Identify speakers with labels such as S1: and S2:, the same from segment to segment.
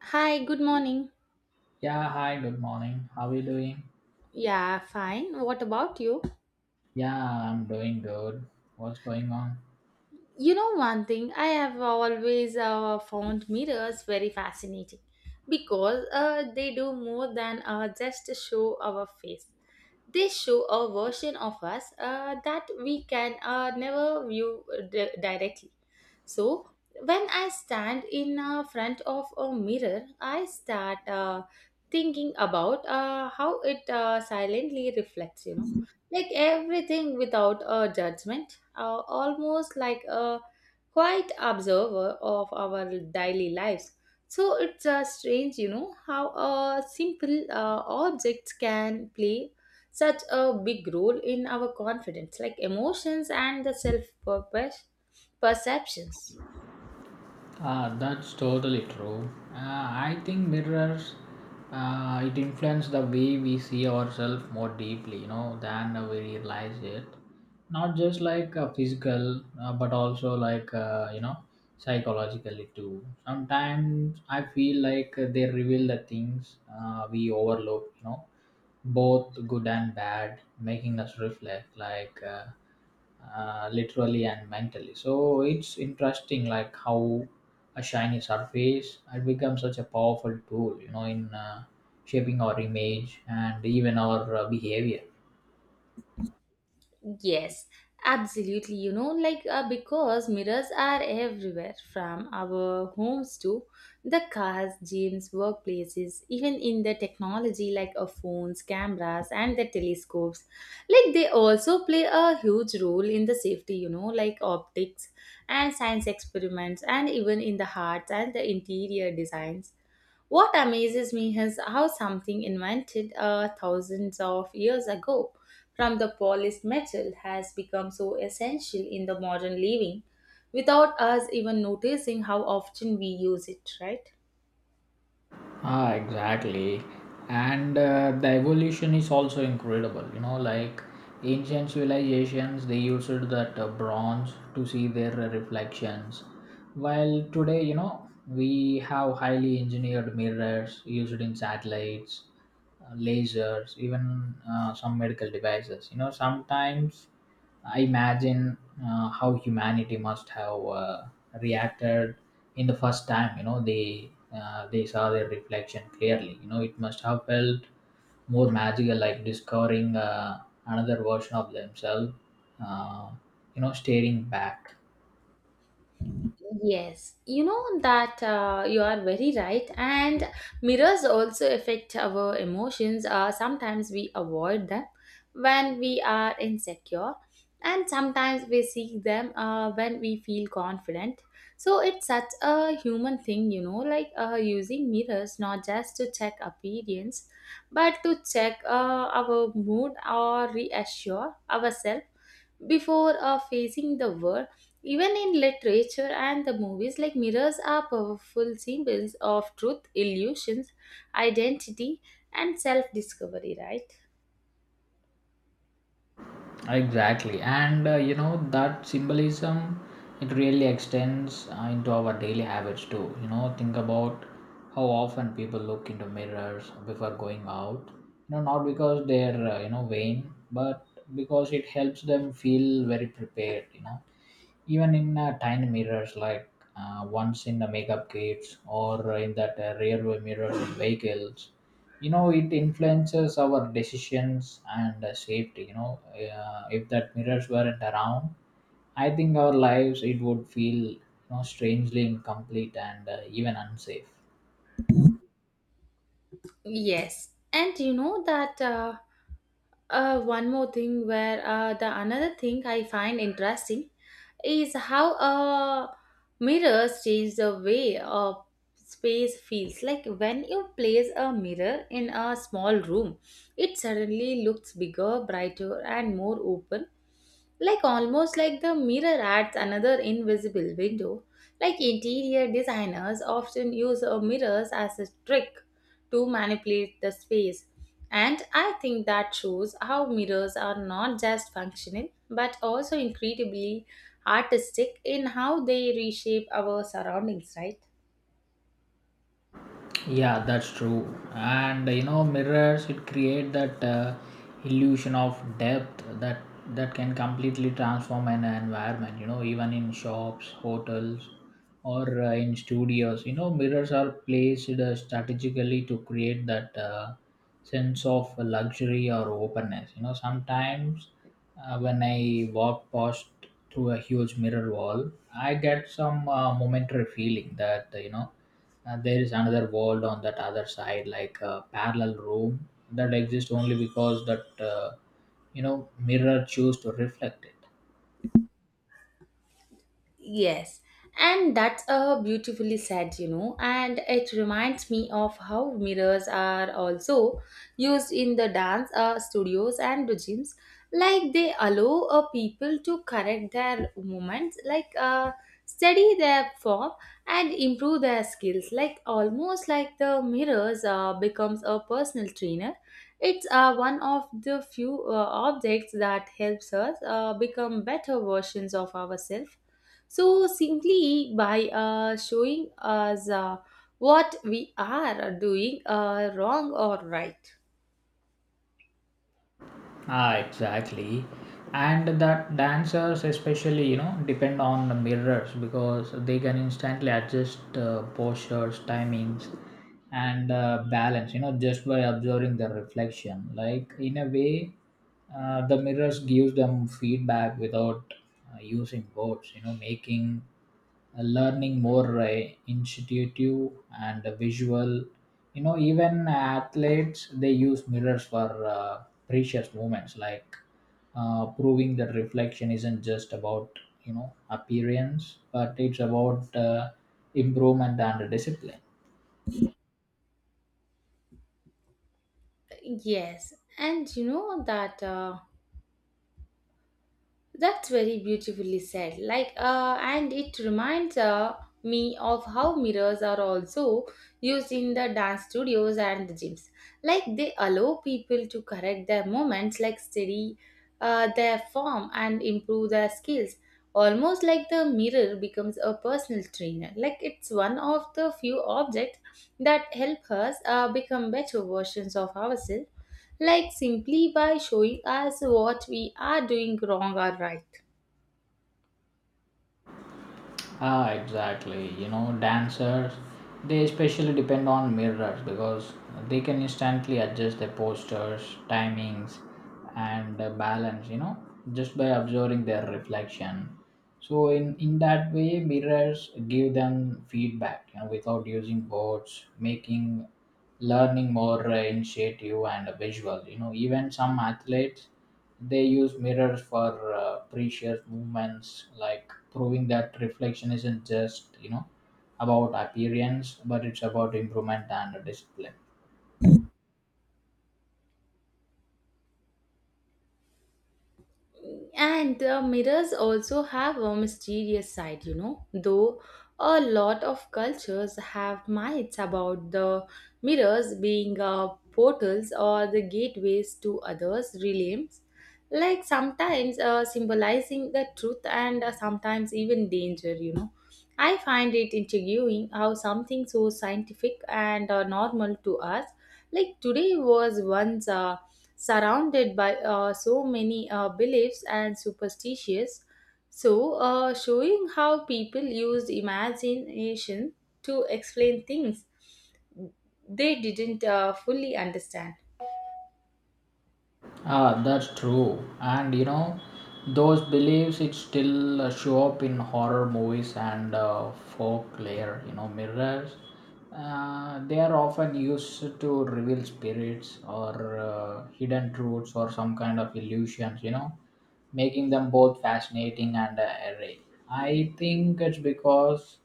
S1: Hi, good morning.
S2: Yeah, hi, good morning. How are you doing?
S1: Yeah, fine. What about you?
S2: Yeah, I'm doing good. What's going on?
S1: One thing I have always found mirrors very fascinating because they do more than just show our face. They show a version of us that we can never view directly. So, when I stand in front of a mirror, I start thinking about how it silently reflects, like everything without a judgment, almost like a quiet observer of our daily lives. So it's strange, how simple objects can play such a big role in our confidence, like emotions and the self purpose perceptions.
S2: Ah, that's totally true. I think mirrors it influences the way we see ourselves more deeply, than we realize it. Not just like physical, but also like psychologically too. Sometimes I feel like they reveal the things we overlook, both good and bad, making us reflect like, literally and mentally. So it's interesting, like how a shiny surface had become such a powerful tool, in shaping our image and even our behavior.
S1: Yes, absolutely. Like because mirrors are everywhere, from our homes to the cars, gyms, workplaces, even in the technology like phones, cameras, and the telescopes. Like they also play a huge role in the safety, like optics and science experiments, and even in the hearts and the interior designs. What amazes me is how something invented thousands of years ago from the polished metal has become so essential in the modern living without us even noticing how often we use it, right?
S2: Ah, exactly. And the evolution is also incredible. You know, like ancient civilizations, they used that bronze to see their reflections. While today, you know, we have highly engineered mirrors used in satellites, lasers, even some medical devices. You know, sometimes I imagine how humanity must have reacted in the first time, you know, they saw their reflection clearly. You know, it must have felt more magical, like discovering another version of themselves, uh, staring back.
S1: Yes, you know that you are very right, and mirrors also affect our emotions. Sometimes we avoid them when we are insecure, and sometimes we seek them when we feel confident. So it's such a human thing, like using mirrors not just to check appearance, but to check our mood or reassure ourselves before facing the world. Even in literature and the movies, like mirrors are powerful symbols of truth, illusions, identity, and self discovery, right?
S2: Exactly, and you know that symbolism, it really extends into our daily habits too. You know, think about how often people look into mirrors before going out. You know, not because they're vain, but because it helps them feel very prepared. You know, even in tiny mirrors, like once in the makeup kits or in that rear view mirrors in vehicles. You know, it influences our decisions and safety. You know, if that mirrors weren't around, I think our lives, it would feel, you know, strangely incomplete and even unsafe.
S1: Yes. And you know that. One more thing where the another thing I find interesting is how mirrors change the way space feels. Like, when you place a mirror in a small room, it suddenly looks bigger, brighter, and more open, like almost like the mirror adds another invisible window. Like interior designers often use mirrors as a trick to manipulate the space. And I think that shows how mirrors are not just functional but also incredibly artistic in how they reshape our surroundings, right?
S2: Yeah, that's true. And you know, mirrors, it create that illusion of depth that can completely transform an environment. You know, even in shops, hotels, or in studios. You know, mirrors are placed strategically to create that sense of luxury or openness. You know, sometimes when I walk past through a huge mirror wall, I get some momentary feeling that, and there is another world on that other side, like a parallel room that exists only because that, mirror choose to reflect it.
S1: Yes, and that's beautifully said, and it reminds me of how mirrors are also used in the dance studios and the gyms. Like they allow people to correct their movements, like study their form and improve their skills. Like almost like the mirrors becomes a personal trainer. It's one of the few objects that helps us become better versions of ourselves, so simply by showing us what we are doing wrong or right.
S2: Ah, exactly. And that dancers, especially, you know, depend on the mirrors because they can instantly adjust postures, timings, and balance, you know, just by observing the reflection. Like, in a way, the mirrors gives them feedback without using words, you know, making learning more intuitive and visual. You know, even athletes, they use mirrors for precious moments, like proving that reflection isn't just about, you know, appearance, but it's about improvement and discipline.
S1: Yes, and you know that. That's very beautifully said. Like, and it reminds me of how mirrors are also used in the dance studios and the gyms. Like, they allow people to correct their movements, like steady their form and improve their skills. Almost like the mirror becomes a personal trainer. Like, it's one of the few objects that help us become better versions of ourselves. Like, simply by showing us what we are doing wrong or right.
S2: Ah, exactly. You know, dancers, they especially depend on mirrors because they can instantly adjust their postures, timings, and balance, you know, just by observing their reflection. So, in that way, mirrors give them feedback, you know, without using words, making learning more initiative and visual. You know, even some athletes, they use mirrors for precious movements, like proving that reflection isn't just, you know, about appearance, but it's about improvement and discipline.
S1: And mirrors also have a mysterious side, though a lot of cultures have myths about the mirrors being portals or the gateways to others' realms, like sometimes symbolizing the truth and sometimes even danger. I find it intriguing how something so scientific and normal to us, like today, was once surrounded by so many beliefs and superstitions, so showing how people used imagination to explain things they didn't fully understand.
S2: Ah, that's true. And you know, those beliefs, it still show up in horror movies and folklore. You know, mirrors, they are often used to reveal spirits or hidden truths or some kind of illusions. You know, making them both fascinating and eerie. I think it's because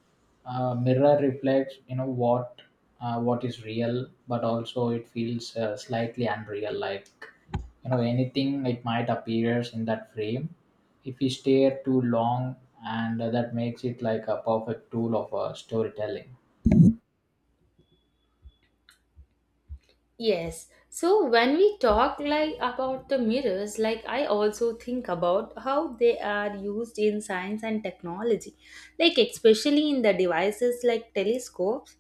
S2: mirror reflects, you know, what is real, but also it feels slightly unreal, like, you know, anything it might appears in that frame if we stare too long, and that makes it like a perfect tool of storytelling.
S1: Yes, so when we talk like about the mirrors, like I also think about how they are used in science and technology, like especially in the devices like telescopes.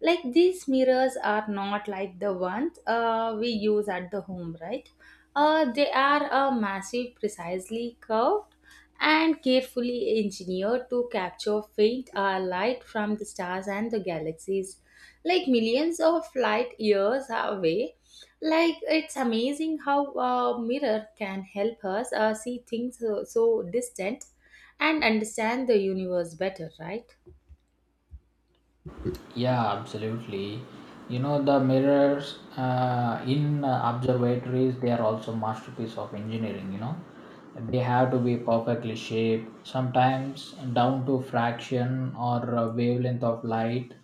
S1: Like these mirrors are not like the ones we use at the home, right? They are massive, precisely curved, and carefully engineered to capture faint light from the stars and the galaxies, like millions of light years away. Like, it's amazing how a mirror can help us see things so, so distant and understand the universe better, right?
S2: Yeah, absolutely. You know, the mirrors in observatories, they are also masterpiece of engineering. You know, they have to be perfectly shaped, sometimes down to fraction or wavelength of light.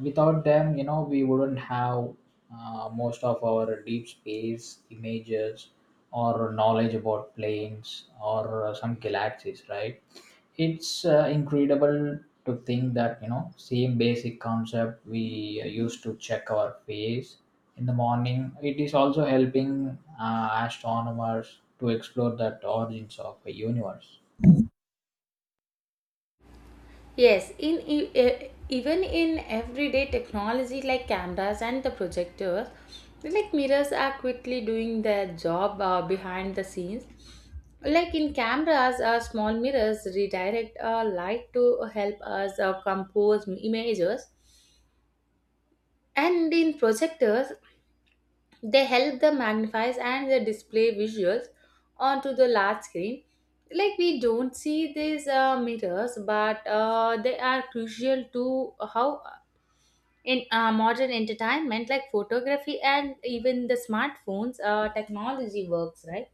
S2: Without them, you know, we wouldn't have most of our deep space images or knowledge about planes or some galaxies, right? It's incredible to think that, you know, same basic concept we used to check our face in the morning, it is also helping astronomers to explore that origins of a universe.
S1: Yes, in even in everyday technology like cameras and the projectors, like mirrors are quickly doing their job behind the scenes. Like in cameras, small mirrors redirect light to help us compose images, and in projectors, they help the magnifies and the display visuals onto the large screen. Like we don't see these mirrors, but they are crucial to how in modern entertainment like photography and even the smartphones technology works, right?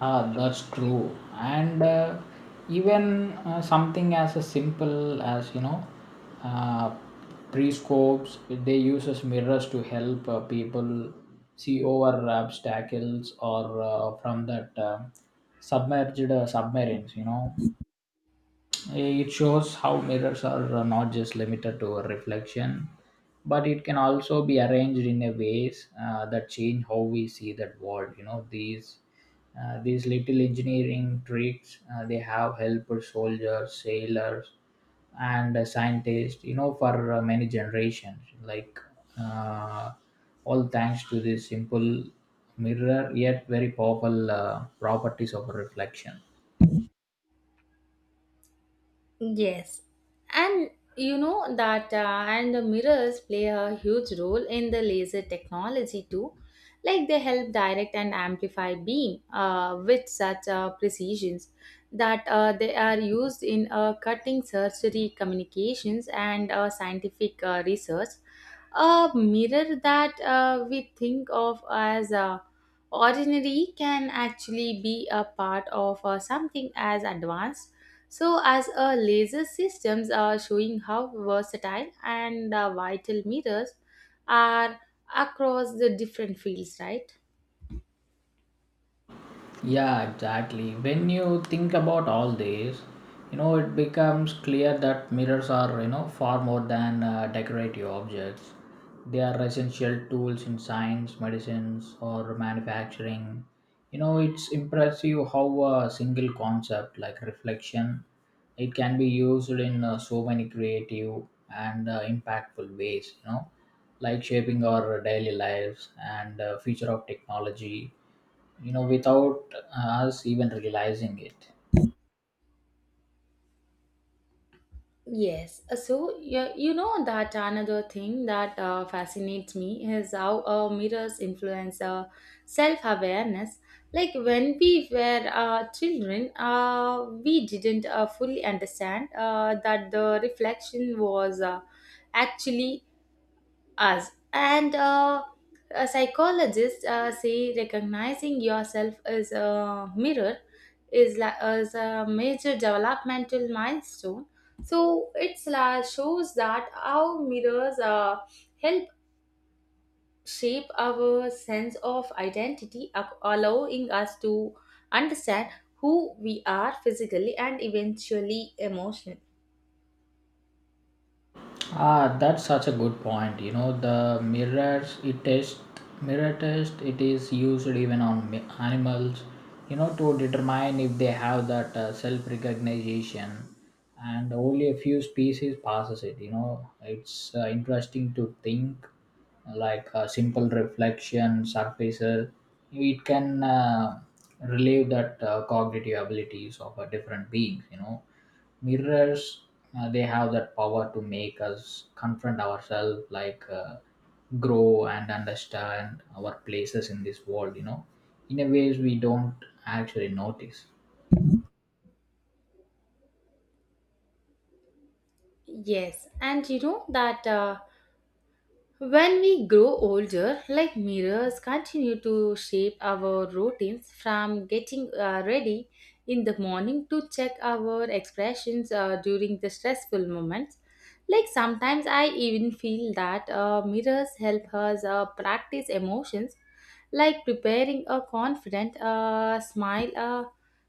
S2: Ah, that's true. And even something as a simple as, you know, uh, pre-scopes. They uses mirrors to help people see over obstacles or from that submerged submarines. You know, it shows how mirrors are not just limited to reflection, but it can also be arranged in a ways that change how we see that world. You know, these little engineering tricks, they have helped soldiers, sailors, and scientists. You know, for many generations, like, uh, all thanks to this simple mirror, yet very powerful properties of reflection.
S1: Yes, and you know that, and the mirrors play a huge role in the laser technology too. Like they help direct and amplify beam with such precisions that they are used in cutting surgery communications and scientific research. A mirror that we think of as ordinary can actually be a part of something as advanced, so as a laser systems are showing how versatile and vital mirrors are across the different fields, right?
S2: Yeah, exactly. When you think about all this, you know, it becomes clear that mirrors are, you know, far more than decorative objects. They are essential tools in science, medicines, or manufacturing. You know, it's impressive how a single concept like reflection, it can be used in so many creative and impactful ways, you know, like shaping our daily lives and future of technology, you know, without us even realizing it.
S1: Yes. So, you know that another thing that fascinates me is how mirrors influence self awareness. Like when we were children, we didn't fully understand that the reflection was actually us. And a psychologist say recognizing yourself as a mirror as a major developmental milestone. So shows that our mirrors help shape our sense of identity, allowing us to understand who we are physically and eventually emotionally.
S2: Ah, that's such a good point. You know, the mirror test, it is used even on animals, you know, to determine if they have that self recognition, and only a few species passes it. You know, it's interesting to think, like a simple reflection surfacer, it can relieve that cognitive abilities of a different beings. You know, mirrors, they have that power to make us confront ourselves, like, grow and understand our places in this world, you know, in a ways we don't actually notice.
S1: Yes, and you know that. When we grow older, like mirrors continue to shape our routines, from getting ready in the morning to check our expressions during the stressful moments. Like sometimes I even feel that mirrors help us practice emotions, like preparing a confident smile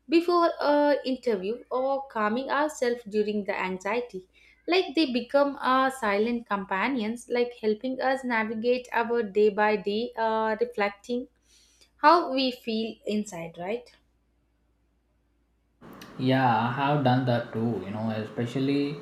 S1: before an interview or calming ourselves during the anxiety. Like they become our silent companions, like helping us navigate our day by day, reflecting how we feel inside, right?
S2: Yeah, I have done that too, you know, especially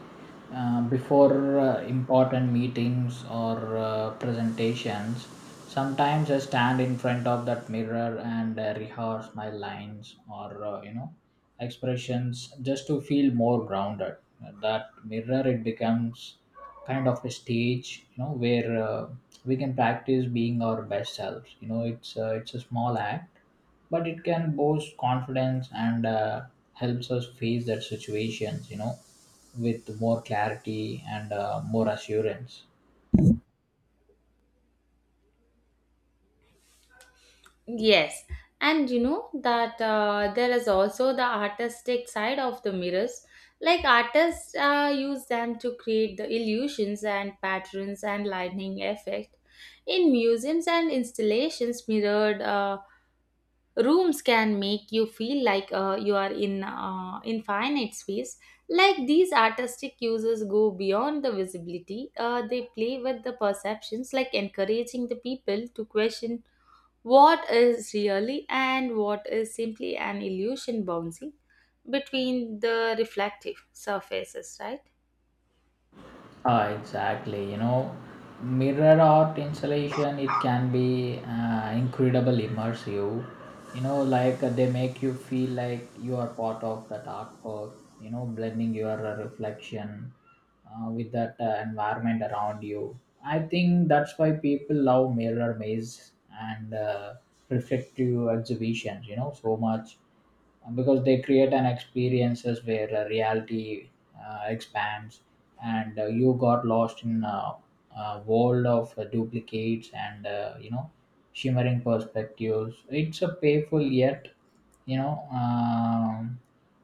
S2: before important meetings or presentations. Sometimes I stand in front of that mirror and rehearse my lines or, expressions, just to feel more grounded. That mirror, it becomes kind of a stage, you know, where we can practice being our best selves. You know, it's a small act, but it can boost confidence and helps us face that situations, you know, with more clarity and more assurance.
S1: Yes, and you know that there is also the artistic side of the mirrors. Like artists use them to create the illusions and patterns and lightning effect in museums and installations. Mirrored rooms can make you feel like you are in infinite space. Like these artistic uses go beyond the visibility. They play with the perceptions, like encouraging the people to question what is really and what is simply an illusion bouncing between the reflective surfaces, right?
S2: Ah, exactly. You know, mirror art installation, it can be incredible immersive. You know, like they make you feel like you are part of that artwork. You know, blending your reflection with that environment around you. I think that's why people love mirror maze and reflective exhibitions. You know, so much, because they create an experiences where reality expands, and you got lost in a world of duplicates and, shimmering perspectives. It's a payful, yet, you know,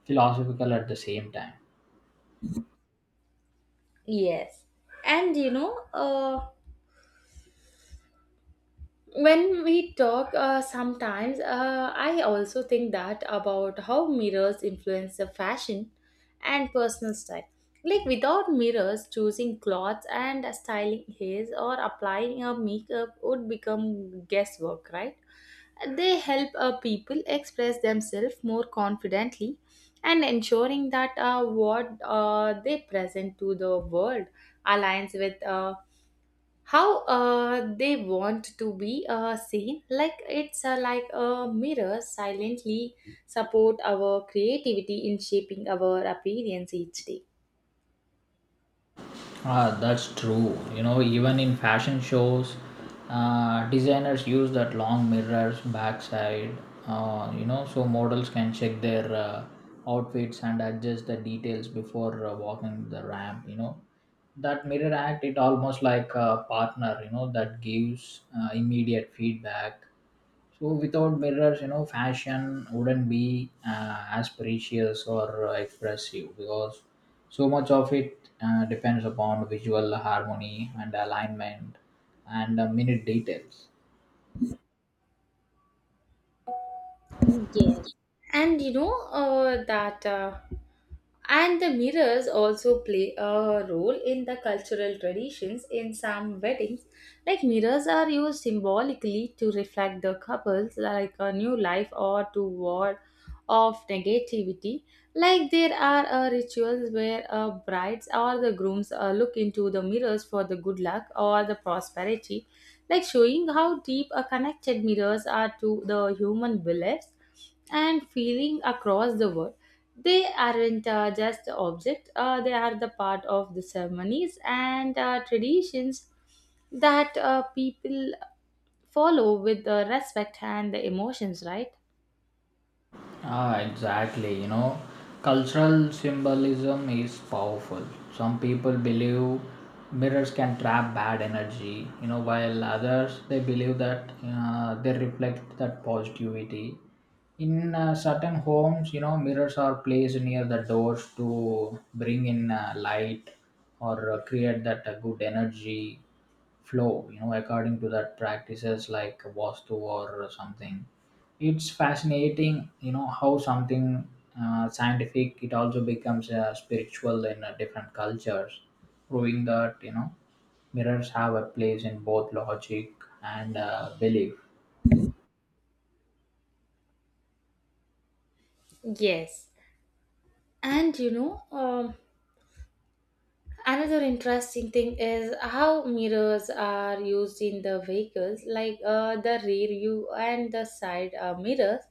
S2: philosophical at the same time.
S1: Yes. And when we talk sometimes I also think that about how mirrors influence the fashion and personal style. Like without mirrors, choosing clothes and styling hairs or applying a makeup would become guesswork, right? They help people express themselves more confidently, and ensuring that what they present to the world aligns with how they want to be seen. Like it's like a mirror silently support our creativity in shaping our appearance each day.
S2: Ah, that's true. You know, even in fashion shows, designers use that long mirrors backside. You know, so models can check their outfits and adjust the details before walking the ramp. You know, that mirror act, it almost like a partner. You know, that gives immediate feedback. So without mirrors, you know, fashion wouldn't be as precious or expressive, because so much of it depends upon visual harmony and alignment and minute details.
S1: Yes. And you know that and the mirrors also play a role in the cultural traditions, in some weddings. Like mirrors are used symbolically to reflect the couples like a new life or to ward off negativity. Like there are rituals where brides or the grooms look into the mirrors for the good luck or the prosperity, like showing how deep a connected mirrors are to the human beliefs and feeling across the world. They aren't just the object, they are the part of the ceremonies and traditions that people follow with respect and the emotions, right?
S2: Ah, exactly. You know, cultural symbolism is powerful. Some people believe mirrors can trap bad energy, you know, while others, they believe that they reflect that positivity. In certain homes, you know, mirrors are placed near the doors to bring in light or create that good energy flow, you know, according to that practices like Vastu or something. It's fascinating, you know, how something scientific, it also becomes spiritual in different cultures, proving that, you know, mirrors have a place in both logic and belief.
S1: Yes. And you know, um Another interesting thing is how mirrors are used in the vehicles, like the rear view and the side mirrors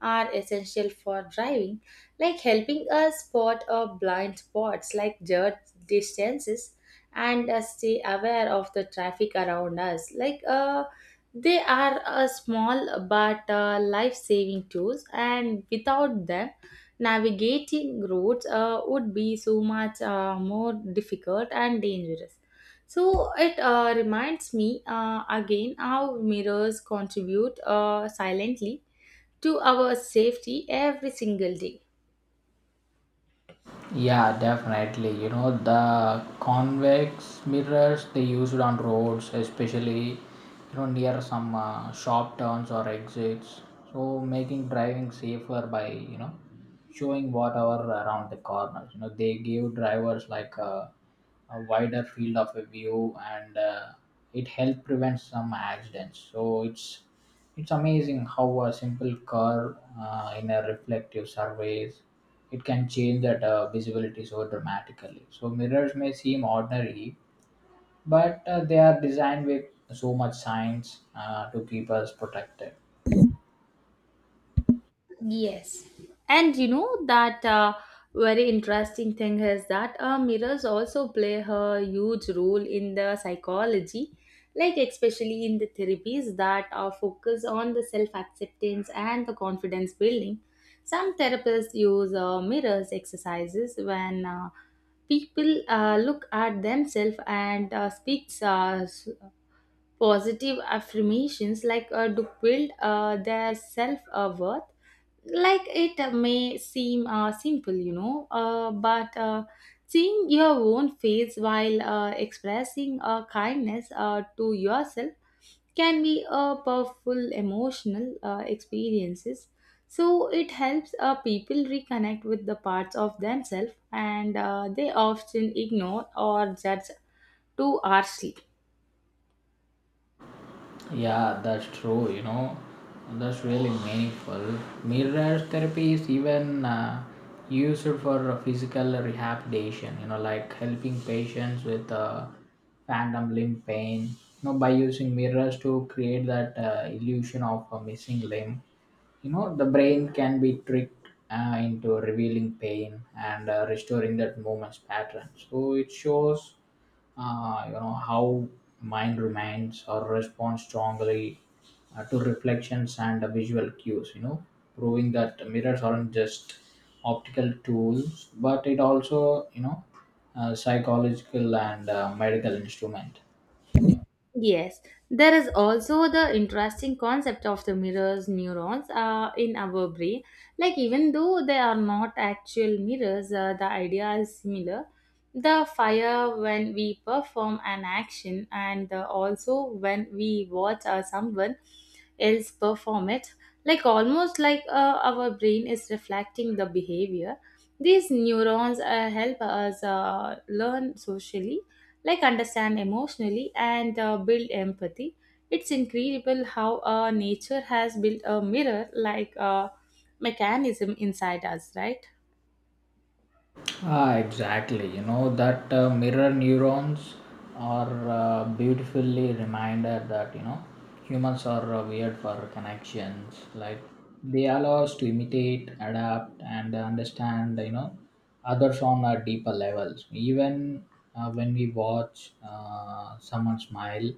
S1: are essential for driving, like helping us spot blind spots, like dirt distances, and stay aware of the traffic around us. Like they are small but life-saving tools, and without them, navigating roads would be so much more difficult and dangerous. So it reminds me again how mirrors contribute silently to our safety every single day.
S2: Yeah, definitely. You know, the convex mirrors, they used on roads, especially, you know, near some sharp turns or exits. So making driving safer by, you know, showing whatever around the corners. You know, they give drivers like a wider field of a view, and it helped prevent some accidents. So it's amazing how a simple car in a reflective surface, it can change that visibility so dramatically. So mirrors may seem ordinary, but they are designed with so much science to keep us protected.
S1: Yes. And you know that very interesting thing is that mirrors also play a huge role in the psychology, like especially in the therapies that focus on the self acceptance and the confidence building. Some therapists use mirrors exercises when people look at themselves and speaks positive affirmations, like to build their self worth. Like it may seem simple, but seeing your own face while expressing kindness to yourself can be a powerful emotional experiences. So it helps people reconnect with the parts of themselves, and they often ignore or judge too harshly.
S2: Yeah, that's true. You know, that's really meaningful. Mirror therapy is even used for physical rehabilitation. You know, like helping patients with phantom limb pain. You know, by using mirrors to create that illusion of a missing limb. You know, the brain can be tricked into revealing pain and restoring that movement's pattern. So it shows, how mind remains or responds strongly to reflections and visual cues, you know, proving that mirrors aren't just optical tools, but it also, psychological and medical instrument.
S1: Yes, there is also the interesting concept of the mirrors neurons in our brain. Like, even though they are not actual mirrors, the idea is similar. The fire when we perform an action, and also when we watch someone else perform it, like almost like our brain is reflecting the behavior. These neurons help us learn socially, like understand emotionally and build empathy. It's incredible how nature has built a mirror like a mechanism inside us, right?
S2: Ah, exactly. You know that mirror neurons are beautifully reminded that, you know, humans are weird for connections. Like, they allow us to imitate, adapt, and understand. You know, others on a deeper levels. Even when we watch someone smile,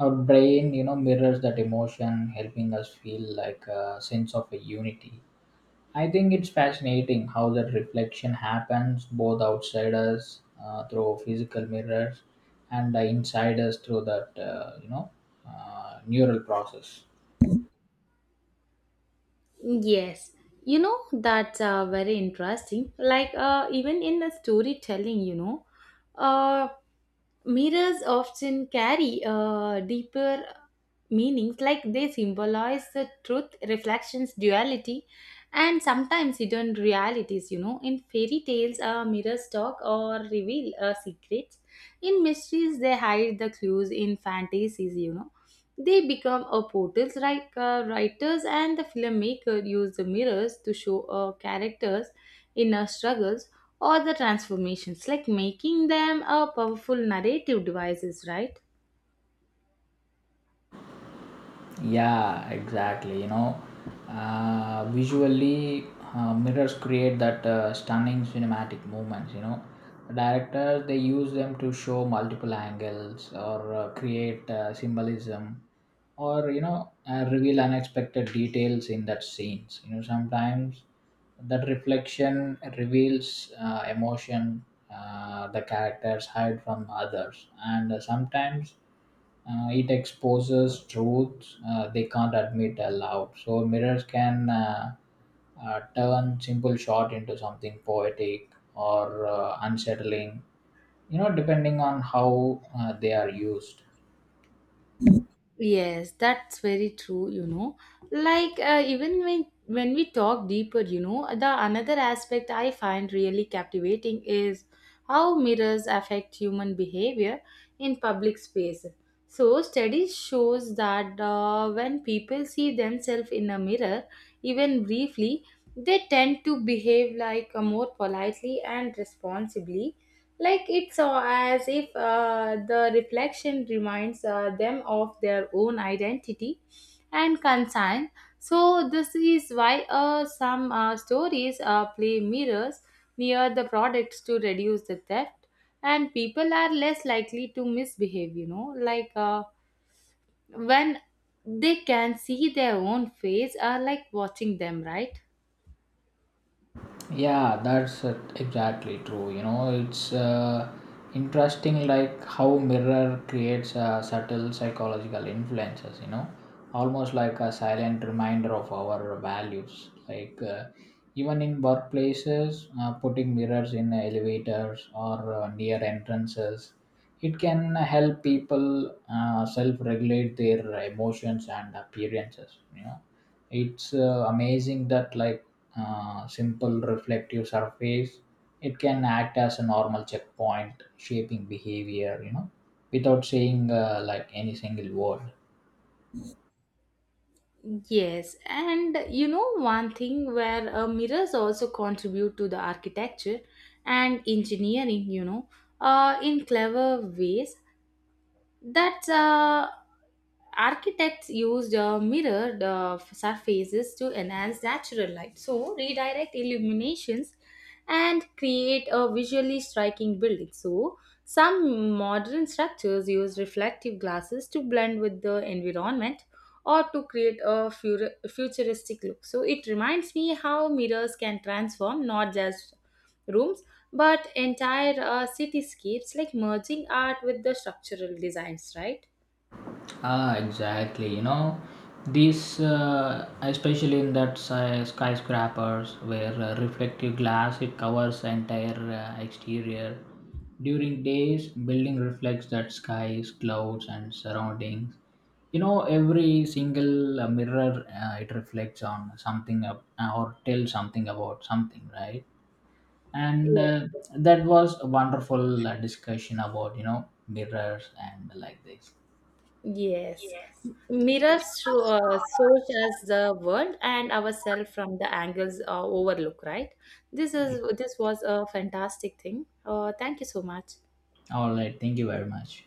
S2: our brain, you know, mirrors that emotion, helping us feel like a sense of a unity. I think it's fascinating how that reflection happens both outside us through physical mirrors, and inside us through that neural process.
S1: Yes, that's very interesting. Like, even in the storytelling, uh, mirrors often carry deeper meanings, like they symbolize the truth, reflections, duality, and sometimes hidden realities. In fairy tales, mirrors talk or reveal secrets. In mysteries, they hide the clues. In fantasies, they become a portals. Like writers and the filmmaker use the mirrors to show characters inner struggles or the transformations, like making them a powerful narrative devices, right?
S2: Yeah, exactly. You know, visually, mirrors create that stunning cinematic moments. You know, directors, they use them to show multiple angles or create symbolism or, you know, reveal unexpected details in that scenes. You know, sometimes that reflection reveals emotion, the characters hide from others, and sometimes, it exposes truths they can't admit aloud. So mirrors can, turn simple shot into something poetic or unsettling, you know, depending on how they are used.
S1: Yes, that's very true. Like even when we talk deeper, the another aspect I find really captivating is how mirrors affect human behavior in public space. So studies shows that when people see themselves in a mirror, even briefly, they tend to behave like more politely and responsibly. Like it's as if the reflection reminds them of their own identity and concern. So, this is why some stories play mirrors near the products to reduce the theft, and people are less likely to misbehave, like when they can see their own face, are like watching them, right?
S2: Yeah, that's exactly true. You know, it's interesting, like how mirror creates subtle psychological influences. You know, almost like a silent reminder of our values. Like, even in workplaces, putting mirrors in elevators or near entrances, it can help people self-regulate their emotions and appearances. You know, it's amazing that, like, simple reflective surface, it can act as a normal checkpoint shaping behavior, you know, without saying, like any single word.
S1: Yes, and you know one thing where mirrors also contribute to the architecture and engineering, in clever ways that architects used mirrored surfaces to enhance natural light, so redirect illuminations and create a visually striking building. So some modern structures use reflective glasses to blend with the environment or to create a futuristic look. So it reminds me how mirrors can transform not just rooms but entire cityscapes, like merging art with the structural designs, right?
S2: Ah, exactly. You know, these, especially in that skyscrapers where reflective glass, it covers the entire exterior. During days, building reflects that skies, clouds, and surroundings. You know, every single mirror, it reflects on something up, or tells something about something, right? And
S1: Yeah.
S2: uh, that was a wonderful discussion about, you know, mirrors and like this.
S1: Yes. Mirrors shows us the world and ourselves from the angles overlook, right? This was a fantastic thing. Thank you so much.
S2: All right. Thank you very much.